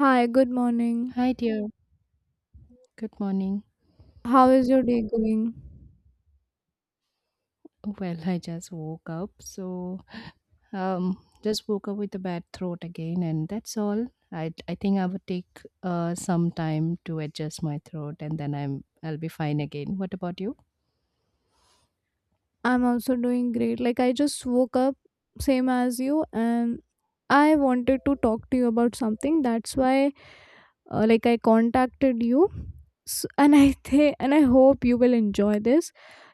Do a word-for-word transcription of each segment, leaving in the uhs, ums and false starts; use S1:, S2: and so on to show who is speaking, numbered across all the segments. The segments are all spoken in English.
S1: Hi, good morning.
S2: Hi, dear. Good morning.
S1: How is your day going?
S2: Well, I just woke up, so um, just woke up with a bad throat again, and that's all. I I think I would take uh some time to adjust my throat, and then I'm I'll be fine again. What about you?
S1: I'm also doing great. Like, I just woke up, same as you, and I wanted to talk to you about something. That's why, uh, like, I contacted you. S and I think, and I hope you will enjoy this.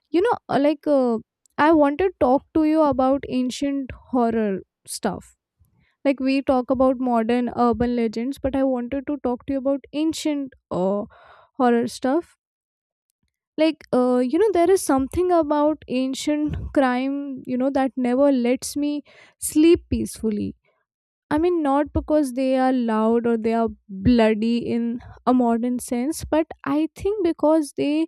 S1: You know, uh, like, uh, I wanted to talk to you about ancient horror stuff. Like, we talk about modern urban legends, but I wanted to talk to you about ancient uh, horror stuff. Like, uh, you know there is something about ancient crime you know that never lets me sleep peacefully. I mean, not because they are loud or they are bloody in a modern sense, but I think because they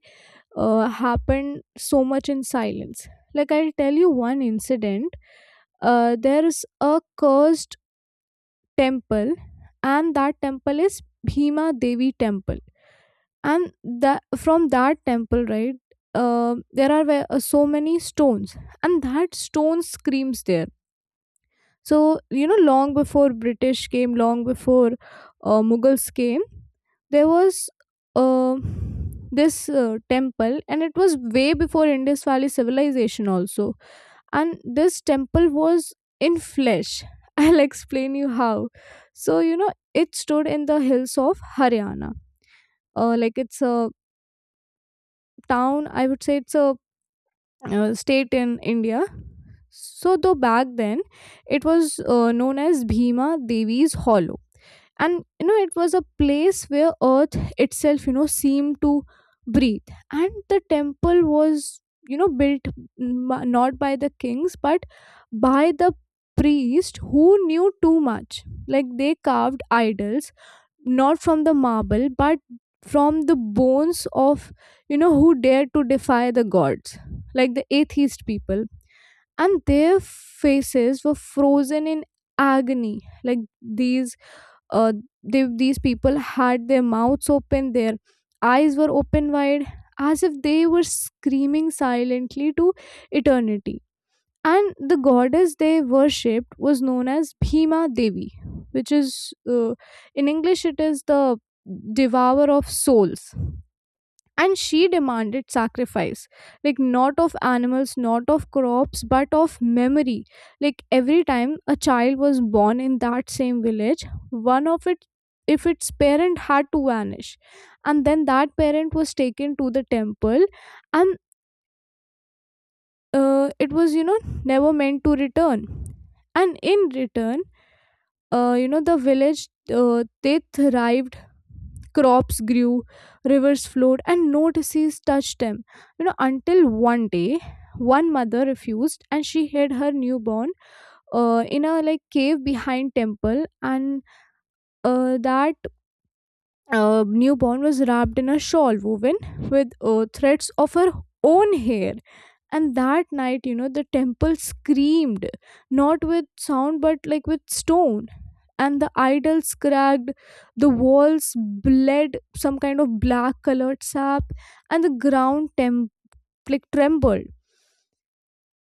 S1: uh, happen so much in silence. Like, I'll tell you one incident. Uh, there is a cursed temple, and that temple is Bhima Devi temple. And that from that temple, right, uh, there are ve- uh, so many stones, and that stone screams there. So, you know long before British came, long before uh, Mughals came, there was uh, this uh, temple, and it was way before Indus Valley civilization also. And this temple was in flesh. I'll explain you how. So, you know it stood in the hills of Haryana. Uh, like, it's a town, I would say it's a uh, state in India. So, though back then, it was uh, known as Bhima Devi's Hollow. And you know it was a place where earth itself you know seemed to breathe. And the temple was you know built, m- not by the kings but by the priest who knew too much. Like, they carved idols not from the marble but from the bones of you know who dared to defy the gods, like the atheist people. And their faces were frozen in agony. like these uh they, these people had their mouths open, their eyes were open wide, as if they were screaming silently to eternity. And the goddess they worshipped was known as Bhima Devi, which is, uh, in English, it is the devourer of souls. And she demanded sacrifice, like not of animals, not of crops, but of memory. Like, every time a child was born in that same village, one of it, if its parent had to vanish, and then that parent was taken to the temple. And uh, it was, you know never meant to return. And in return, uh, you know the village, uh, they thrived. Crops grew, rivers flowed, and no disease touched them. You know until one day, one mother refused and she hid her newborn, uh, in a like cave behind temple. And uh, that uh, newborn was wrapped in a shawl woven with uh, threads of her own hair. And that night, you know the temple screamed, not with sound but like with stone. And the idols cracked, the walls bled some kind of black colored sap, and the ground tem- like trembled.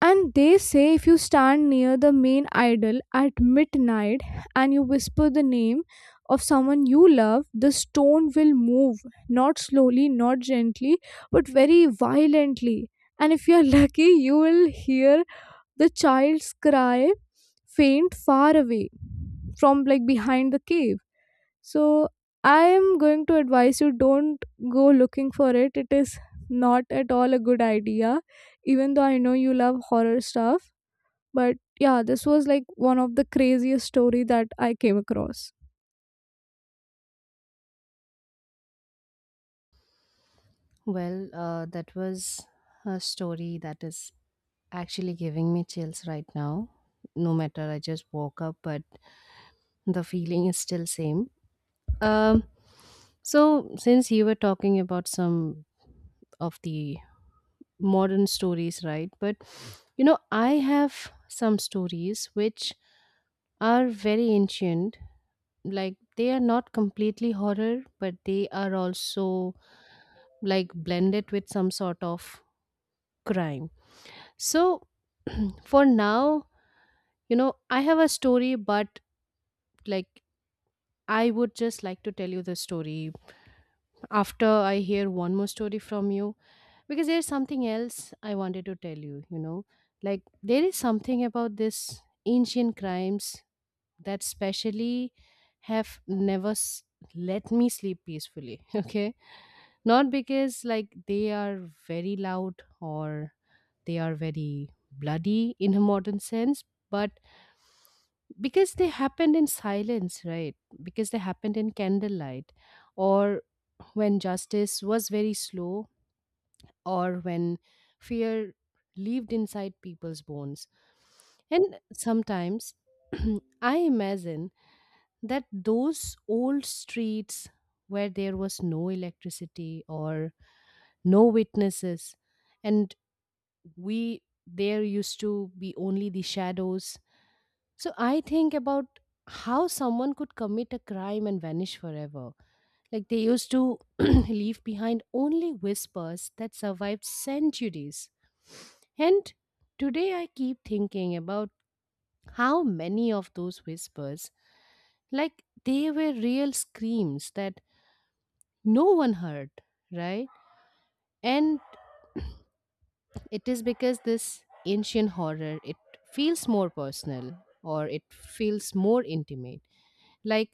S1: And they say, if you stand near the main idol at midnight and you whisper the name of someone you love, the stone will move, not slowly, not gently, but very violently. And if you're lucky, you will hear the child's cry, faint, far away, from like behind the cave. So I am going to advise you, don't go looking for it. It is not at all a good idea, even though I know you love horror stuff. But yeah, this was like one of the craziest story that I came across.
S2: Well, uh, that was a story that is actually giving me chills right now. No matter, I just woke up, but the feeling is still same. Um, so since you were talking about some of the modern stories, right? But you know, I have some stories which are very ancient. Like they are not completely horror, but they are also like blended with some sort of crime. So for now, you know, I have a story, but like I would just like to tell you the story after I hear one more story from you, because there's something else I wanted to tell you, you know, like there is something about this ancient crimes that specially have never s- let me sleep peacefully, okay? Not because like they are very loud or they are very bloody in a modern sense, but because they happened in silence, right? Because they happened in candlelight, or when justice was very slow, or when fear lived inside people's bones. And sometimes I imagine that those old streets where there was no electricity or no witnesses, and we there used to be only the shadows. So I think about how someone could commit a crime and vanish forever, like they used to leave behind only whispers that survived centuries. And today I keep thinking about how many of those whispers, like they were real screams that no one heard, right? And it is because this ancient horror, it feels more personal, or it feels more intimate. Like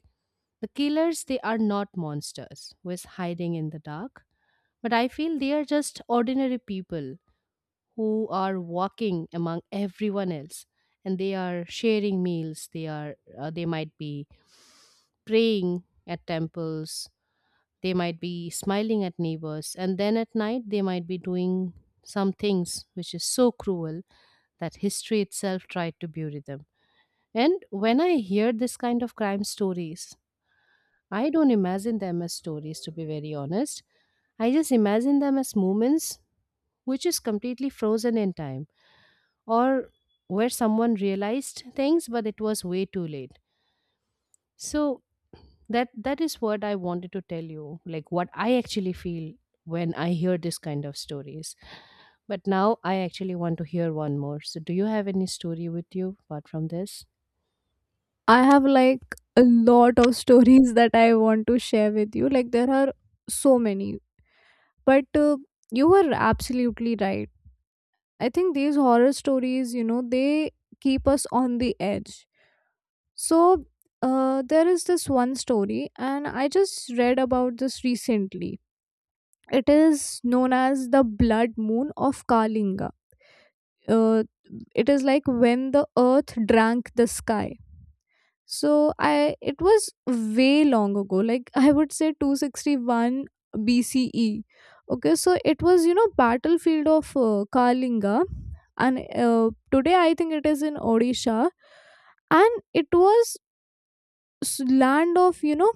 S2: the killers, they are not monsters who is hiding in the dark. But I feel they are just ordinary people who are walking among everyone else, and they are sharing meals, they are uh, they might be praying at temples, they might be smiling at neighbors, and then at night they might be doing some things which is so cruel that history itself tried to bury them. And when I hear this kind of crime stories, I don't imagine them as stories, to be very honest. I just imagine them as moments which is completely frozen in time, or where someone realized things but it was way too late. So that that is what I wanted to tell you, like what I actually feel when I hear this kind of stories. But now I actually want to hear one more. So do you have any story with you apart from this?
S1: I have like a lot of stories that I want to share with you. Like, there are so many. But uh, you were absolutely right. I think these horror stories, you know, they keep us on the edge. So uh, there is this one story, and I just read about this recently. It is known as the blood moon of Kalinga. Uh, it is like when the earth drank the sky. So I it was way long ago, like I would say two sixty-one B C E. Okay, so it was, you know battlefield of uh, Kalinga, and uh, today I think it is in Odisha, and it was s- land of you know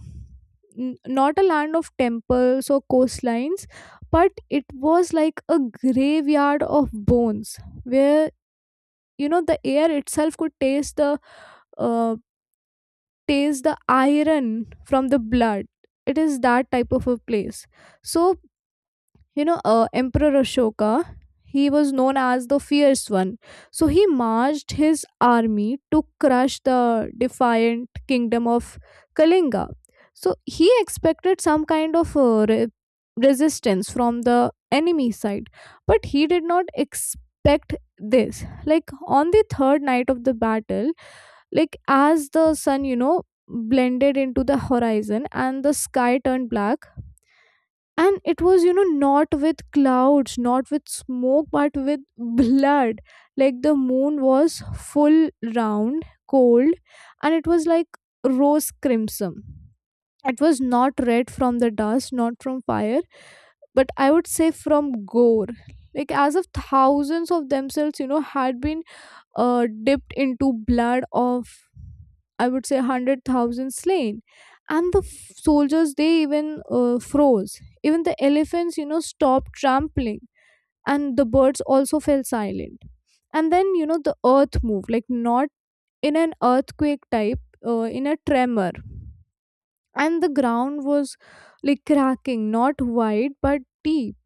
S1: n- not a land of temples or coastlines, but it was like a graveyard of bones where you know the air itself could taste the uh, taste the iron from the blood. It is that type of a place. So you know uh, Emperor Ashoka, he was known as the fierce one. So he marched his army to crush the defiant kingdom of Kalinga. So he expected some kind of uh, re- resistance from the enemy side, but he did not expect this. Like on the third night of the battle, like as the sun, you know blended into the horizon and the sky turned black, and it was, you know not with clouds, not with smoke, but with blood. Like the moon was full, round, cold, and it was like rose crimson. It was not red from the dust, not from fire, but I would say from gore. Like as if thousands of themselves, you know had been uh, dipped into blood of, I would say, one hundred thousand slain. And the f- soldiers, they even uh, froze. Even the elephants, you know, stopped trampling. And the birds also fell silent. And then, you know, the earth moved, like not in an earthquake type, uh, in a tremor. And the ground was like cracking, not wide, but deep.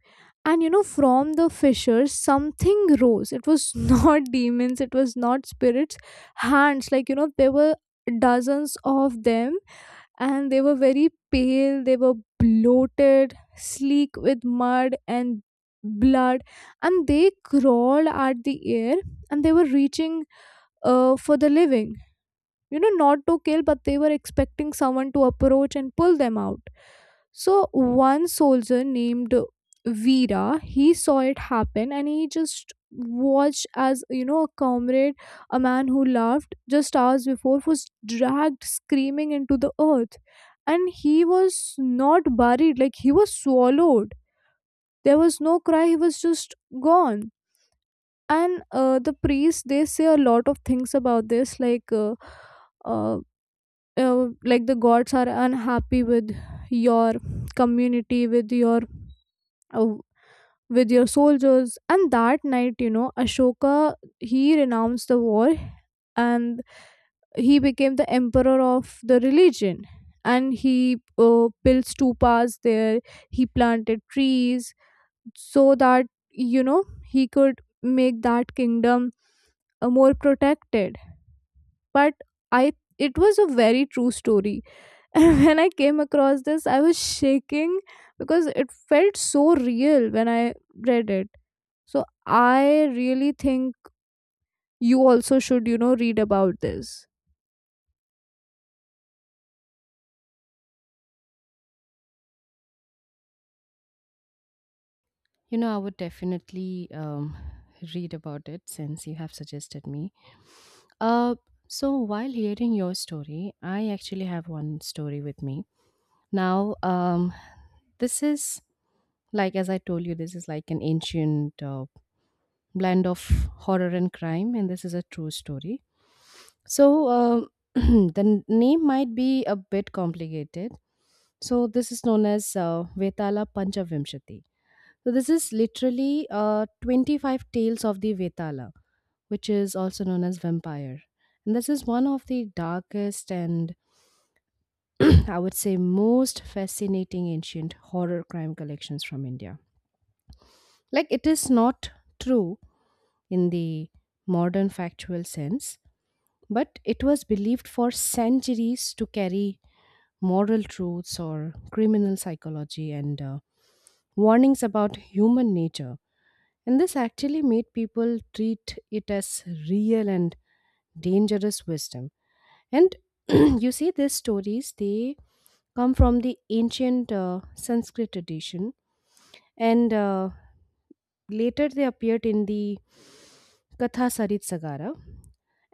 S1: And you know, from the fissures, something rose. It was not demons, it was not spirits. Hands, like, you know, there were dozens of them, and they were very pale, they were bloated, sleek with mud and blood, and they crawled at the air, and they were reaching uh, for the living, you know not to kill, but they were expecting someone to approach and pull them out. So one soldier named Veera, he saw it happen, and he just watched as, you know a comrade, a man who laughed just hours before, was dragged screaming into the earth. And he was not buried, like he was swallowed. There was no cry, he was just gone. And uh, the priests, they say a lot of things about this, like uh, uh, uh, like the gods are unhappy with your community, with your uh, with your soldiers. And that night, you know Ashoka, he renounced the war. And he became the emperor of the religion, and he uh, built stupas there, he planted trees, so that you know he could make that kingdom uh, more protected. But I it was a very true story. And when I came across this, I was shaking because it felt so real when I read it. So I really think you also should, you know, read about this.
S2: You know, I would definitely um, read about it since you have suggested me. Uh, so, while hearing your story, I actually have one story with me. Now, um, this is like as I told you, this is like an ancient uh, blend of horror and crime, and this is a true story. So um, the n- name might be a bit complicated. So this is known as uh, Vetala Panchavimshati. So this is literally uh, twenty-five tales of the Vetala, which is also known as vampire. And this is one of the darkest and, I would say, most fascinating ancient horror crime collections from India. Like, it is not true in the modern factual sense, but it was believed for centuries to carry moral truths, or criminal psychology, and uh, warnings about human nature. And this actually made people treat it as real and dangerous wisdom. And you see, these stories, they come from the ancient uh, Sanskrit tradition, and uh, later they appeared in the Katha Sarit Sagara.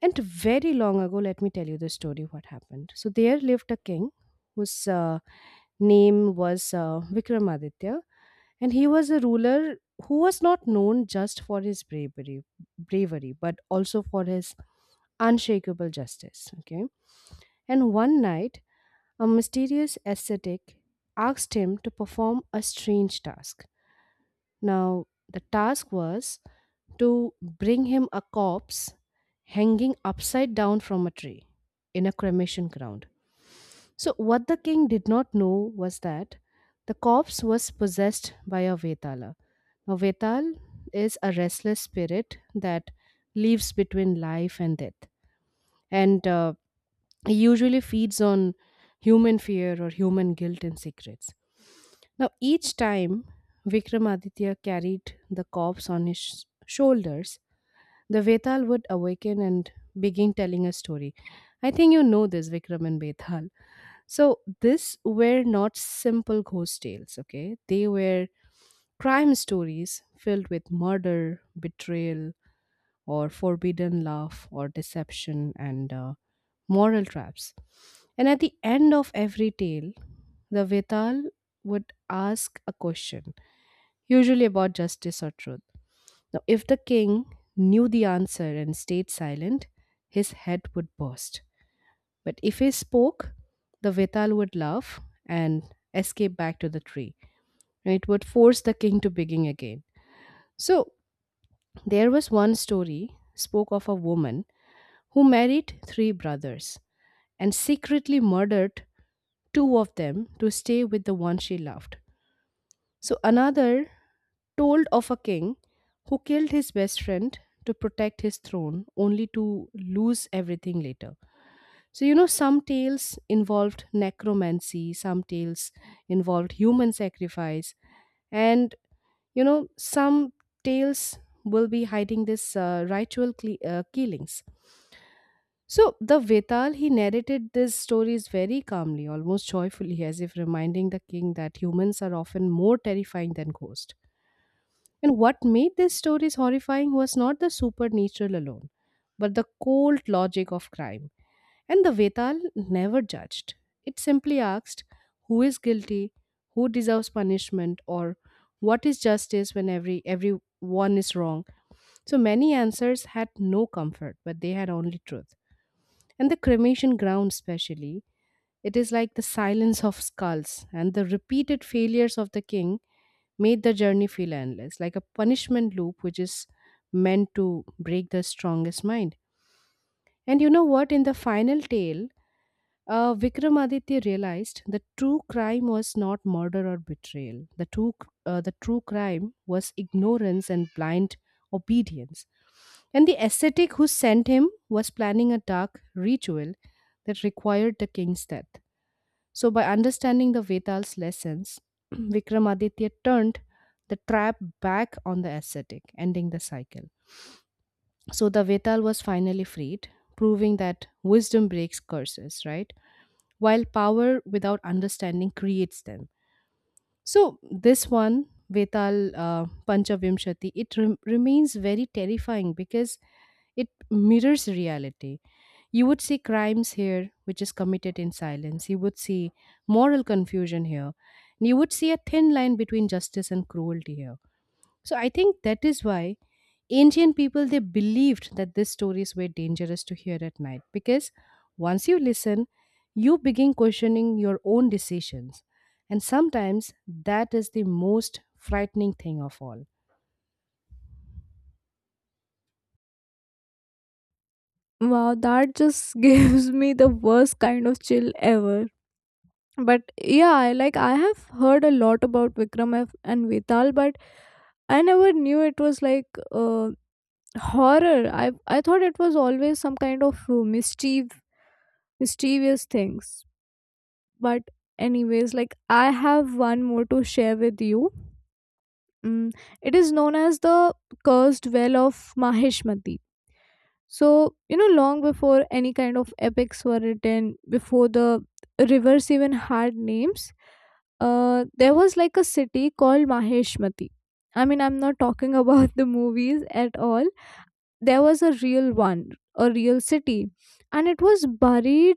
S2: And very long ago, let me tell you the story what happened. So, there lived a king whose uh, name was uh, Vikramaditya, and he was a ruler who was not known just for his bravery, bravery but also for his unshakable justice. Okay. And one night, a mysterious ascetic asked him to perform a strange task. Now, the task was to bring him a corpse hanging upside down from a tree in a cremation ground. So, what the king did not know was that the corpse was possessed by a Vetala. Now, Vetal is a restless spirit that lives between life and death. And uh, he usually feeds on human fear, or human guilt and secrets. Now, each time Vikramaditya carried the corpse on his sh- shoulders, the Vetal would awaken and begin telling a story. I think you know this, Vikram and Vetal. So, these were not simple ghost tales, okay? They were crime stories filled with murder, betrayal, or forbidden love, or deception, and uh, moral traps. And at the end of every tale, the Vetal would ask a question, usually about justice or truth. Now, if the king knew the answer and stayed silent, his head would burst. But if he spoke, the Vetal would laugh and escape back to the tree. And it would force the king to begin again. So, there was one story spoke of a woman who married three brothers and secretly murdered two of them to stay with the one she loved. So another told of a king who killed his best friend to protect his throne, only to lose everything later. So, you know, some tales involved necromancy, some tales involved human sacrifice, and, you know, some tales will be hiding this uh, ritual cle- uh, killings. So, the Vetal, he narrated these stories very calmly, almost joyfully, as if reminding the king that humans are often more terrifying than ghosts. And what made these stories horrifying was not the supernatural alone, but the cold logic of crime. And the Vetal never judged. It simply asked who is guilty, who deserves punishment, or what is justice when every everyone is wrong. So many answers had no comfort, but they had only truth. And the cremation ground, specially, it is like the silence of skulls, and the repeated failures of the king made the journey feel endless, like a punishment loop which is meant to break the strongest mind. And you know what? In the final tale, uh, Vikramaditya realized the true crime was not murder or betrayal. The true, uh, the true crime was ignorance and blind obedience. And the ascetic who sent him was planning a dark ritual that required the king's death. So, by understanding the Veda's lessons, Vikramaditya turned the trap back on the ascetic, ending the cycle. So, the Vedal was finally freed, proving that wisdom breaks curses, right, while power without understanding creates them. So, this one, Vetal uh, Panchavimshati, it rem- remains very terrifying because it mirrors reality. You would see crimes here, which is committed in silence. You would see moral confusion here. And you would see a thin line between justice and cruelty here. So, I think that is why ancient people they believed that these stories were dangerous to hear at night, because once you listen, you begin questioning your own decisions, and sometimes that is the most frightening thing of all.
S1: Wow, that just gives me the worst kind of chill ever. But yeah, I- like I have heard a lot about Vikram F- and Vetal, but I never knew it was like uh, horror. I I thought it was always some kind of uh, mischief, mischievous things. But anyways, like I have one more to share with you. mm, it is known as the cursed well of Mahishmati. So you know long before any kind of epics were written, before the rivers even had names, uh, there was like a city called Mahishmati. I mean, I'm not talking about the movies at all. There was a real one, a real city, and it was buried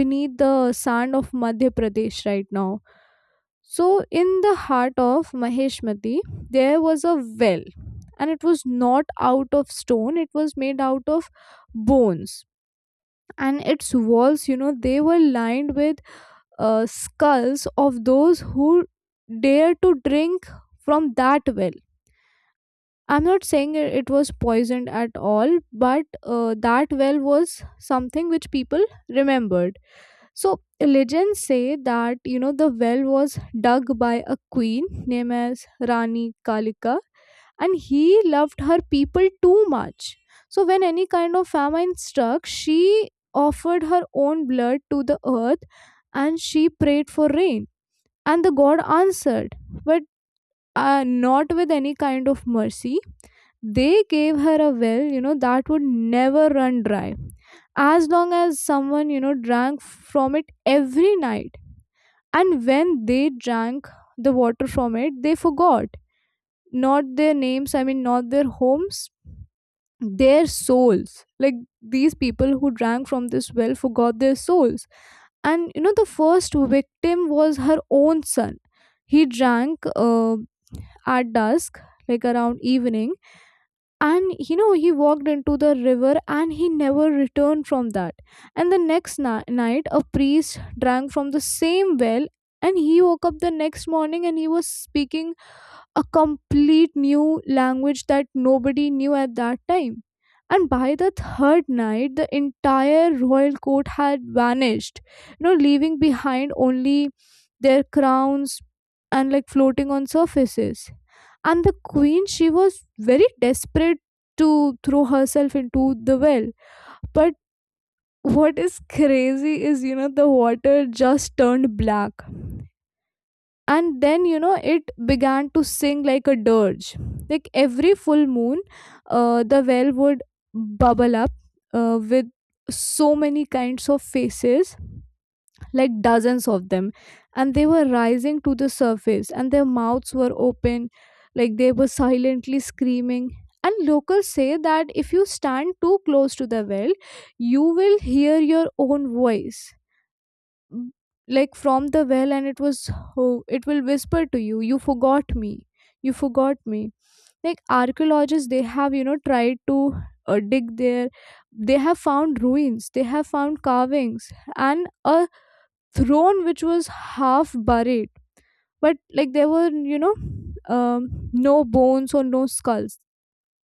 S1: beneath the sand of Madhya Pradesh right now. So, in the heart of Maheshmati, there was a well, and it was not out of stone, it was made out of bones. And its walls, you know, they were lined with uh, skulls of those who dared to drink from that well. I'm not saying it it was poisoned at all, but uh, that well was something which people remembered. So legends say that you know the well was dug by a queen named as Rani Kalika, and he loved her people too much. So when any kind of famine struck, she offered her own blood to the earth and she prayed for rain, and the god answered. But uh, not with any kind of mercy. They gave her a well, you know, that would never run dry as long as someone, you know, drank from it every night. And when they drank the water from it, they forgot, not their names, I mean, not their homes, their souls. Like these people who drank from this well forgot their souls. And, you know, the first victim was her own son. He drank. Uh, at dusk, like around evening, and you know he walked into the river and he never returned from that. And the next ni- night, a priest drank from the same well and he woke up the next morning and he was speaking a complete new language that nobody knew at that time. And by the third night, the entire royal court had vanished, you know, leaving behind only their crowns, and like floating on surfaces. And the queen, she was very desperate to throw herself into the well. But what is crazy is, you know, the water just turned black, and then you know it began to sing like a dirge. Like every full moon, uh, the well would bubble up uh, with so many kinds of faces, like dozens of them, and they were rising to the surface and their mouths were open, like they were silently screaming. And locals say that if you stand too close to the well, you will hear your own voice, m- like from the well, and it was, oh, it will whisper to you, you forgot me, you forgot me. Like archaeologists, they have, you know tried to uh, dig there. They have found ruins, they have found carvings, and a throne which was half buried, but like there were, you know um, no bones or no skulls,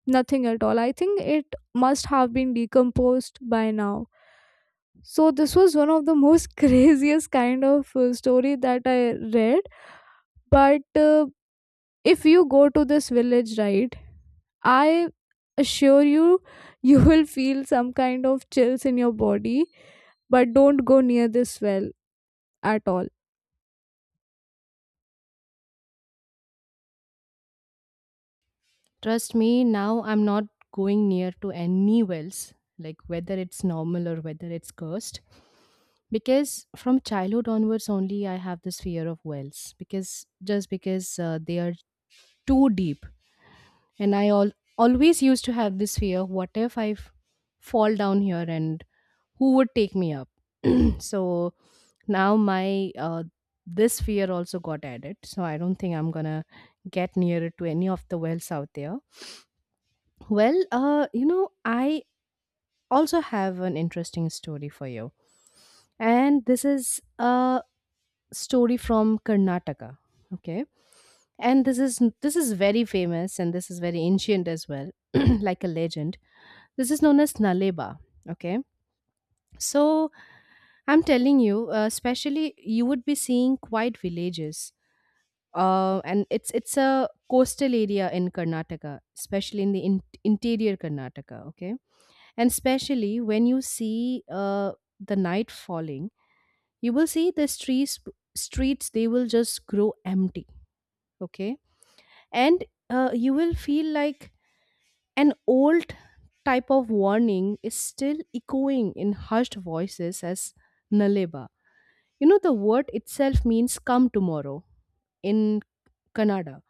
S1: nothing at all. I think it must have been decomposed by now. So this was one of the most craziest kind of uh, story that I read. But uh, if you go to this village, right, I assure you, you will feel some kind of chills in your body. But don't go near this well at all.
S2: Trust me, now I'm not going near to any wells, like whether it's normal or whether it's cursed, because from childhood onwards only I have this fear of wells, because just because uh, they are too deep, and i al- always used to have this fear, what if I f- fall down here, and who would take me up? So now my uh, this fear also got added, so I don't think I'm gonna get nearer to any of the wells out there. Well, uh you know, I also have an interesting story for you, and this is a story from Karnataka. Okay. And this is, this is very famous, and this is very ancient as well. Like a legend, this is known as Naleba. Okay. So I'm telling you, uh, especially you would be seeing quiet villages. Uh, and it's it's a coastal area in Karnataka, especially in the in- interior Karnataka. Okay, and especially when you see uh, the night falling, you will see the streets streets they will just grow empty. Okay, and uh, you will feel like an old type of warning is still echoing in hushed voices as Naleba. You know, the word itself means come tomorrow in Kannada.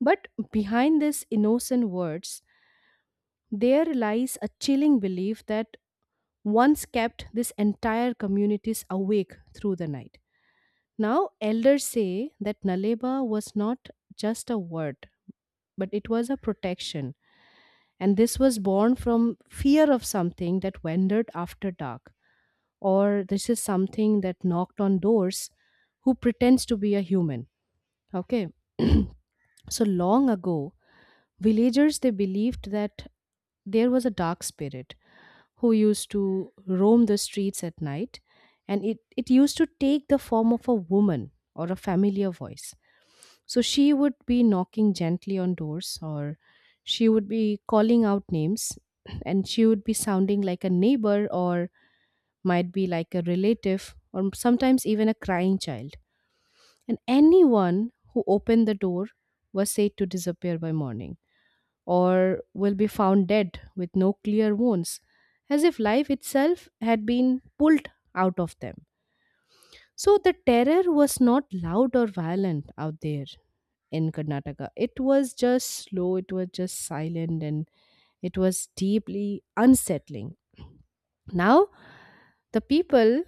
S2: But behind these innocent words, there lies a chilling belief that once kept this entire communities awake through the night. Now, elders say that Naleba was not just a word, but it was a protection. And this was born from fear of something that wandered after dark. Or this is something that knocked on doors, who pretends to be a human. Okay. So long ago, villagers, they believed that there was a dark spirit who used to roam the streets at night, and it, it used to take the form of a woman or a familiar voice. So she would be knocking gently on doors, or she would be calling out names. And she would be sounding like a neighbor, or might be like a relative, or sometimes even a crying child. And anyone who opened the door was said to disappear by morning, or will be found dead with no clear wounds, as if life itself had been pulled out of them. So the terror was not loud or violent out there in Karnataka. It was just slow, it was just silent, and it was deeply unsettling. Now, the people,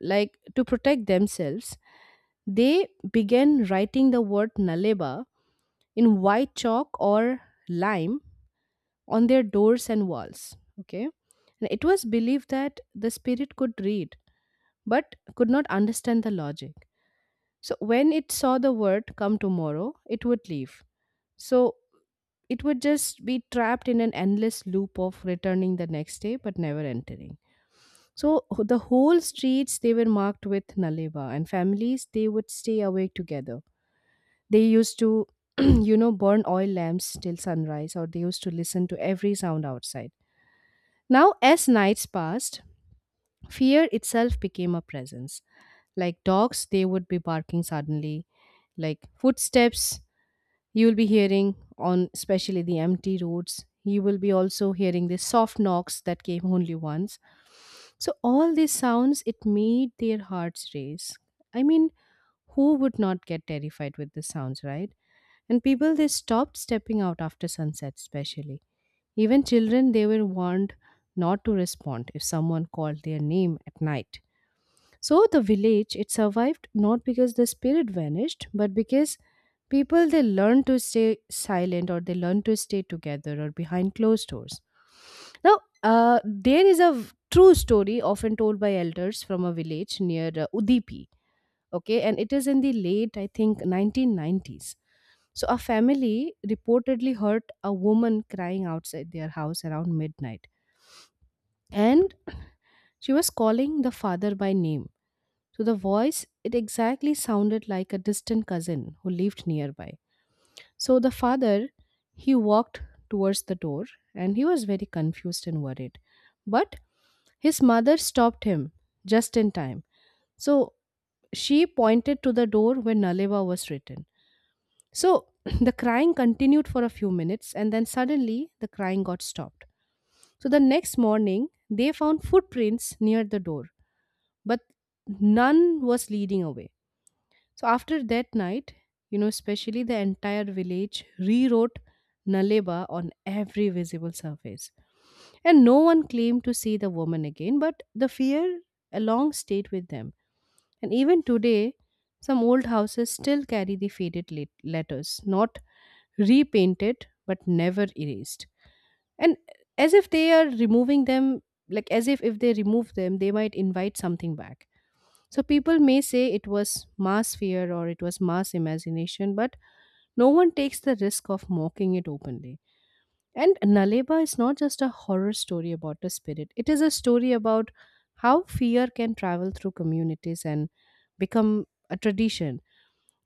S2: like to protect themselves, they began writing the word naleba in white chalk or lime on their doors and walls. Okay. And it was believed that the spirit could read but could not understand the logic. So when it saw the word come tomorrow, it would leave. So it would just be trapped in an endless loop of returning the next day but never entering. So h- the whole streets, they were marked with Naleva, and families, they would stay awake together. They used to, you know, burn oil lamps till sunrise, or they used to listen to every sound outside. Now, as nights passed, fear itself became a presence. Like dogs, they would be barking suddenly, like footsteps you'll be hearing on especially the empty roads. You will be also hearing the soft knocks that came only once. So all these sounds, it made their hearts race. I mean, who would not get terrified with the sounds, right? And people, they stopped stepping out after sunset especially. Even children, they were warned not to respond if someone called their name at night. So the village, it survived not because the spirit vanished, but because people, they learn to stay silent, or they learn to stay together or behind closed doors. Now, uh, there is a v- true story often told by elders from a village near uh, Udipi. Okay, and it is in the late, I think, nineteen nineties. So a family reportedly heard a woman crying outside their house around midnight, and she was calling the father by name. To the voice, it exactly sounded like a distant cousin who lived nearby. So the father, he walked towards the door, and he was very confused and worried. But his mother stopped him just in time. So she pointed to the door where Naleva was written. So the crying continued for a few minutes, and then suddenly the crying got stopped. So the next morning, they found footprints near the door, but none was leading away. So after that night, you know, especially the entire village rewrote Naleba on every visible surface. And no one claimed to see the woman again, but the fear along stayed with them. And even today, some old houses still carry the faded let- letters, not repainted but never erased. And as if they are removing them, like as if if they remove them, they might invite something back. So people may say it was mass fear or it was mass imagination, but no one takes the risk of mocking it openly. And Naleba is not just a horror story about a spirit, it is a story about how fear can travel through communities and become a tradition.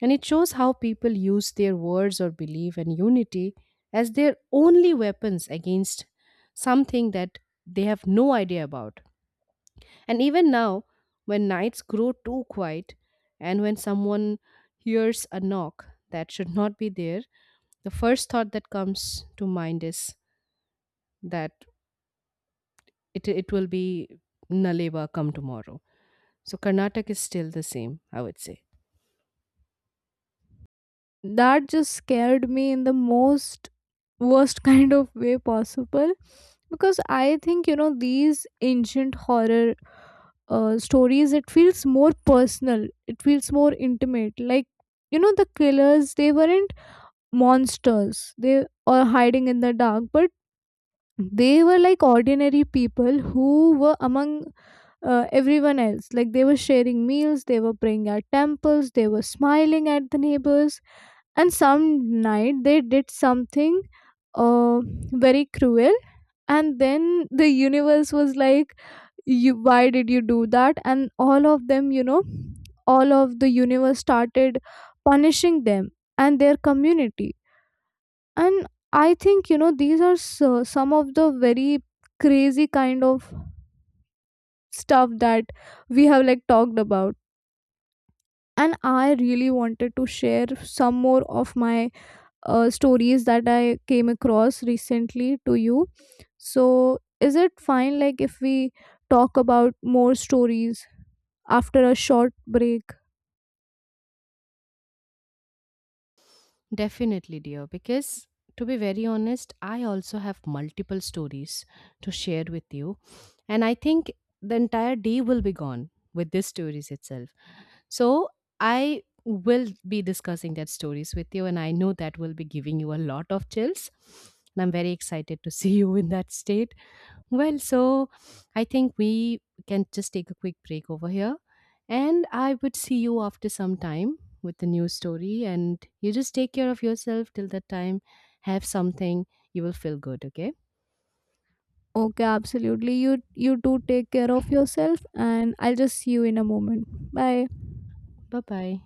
S2: And it shows how people use their words or belief and unity as their only weapons against something that they have no idea about. And even now, when nights grow too quiet and when someone hears a knock that should not be there, the first thought that comes to mind is that it, it will be Naleva come tomorrow. So Karnataka is still the same, I would say.
S1: That just scared me in the most worst kind of way possible, because I think, you know these ancient horror uh, stories, it feels more personal, it feels more intimate. Like, you know the killers, they weren't monsters, they or hiding in the dark, but they were like ordinary people who were among uh, everyone else. Like they were sharing meals, they were praying at temples, they were smiling at the neighbors. And some night they did something uh, very cruel, and then the universe was like, you, why did you do that? And all of them, you know all of the universe started punishing them and their community. And I think, you know these are so, some of the very crazy kind of stuff that we have like talked about. And I really wanted to share some more of my uh, stories that I came across recently to you. So, is it fine like if we talk about more stories after a short break?
S2: Definitely, dear, because to be very honest, I also have multiple stories to share with you. And I think the entire day will be gone with these stories itself. So I will be discussing that stories with you, and I know that will be giving you a lot of chills. And I'm very excited to see you in that state. Well, so I think we can just take a quick break over here, and I would see you after some time with the new story. And you just take care of yourself till that time. Have something, you will feel good. Okay,
S1: Okay, absolutely. You you do take care of yourself and I'll just see you in a moment. Bye.
S2: bye bye.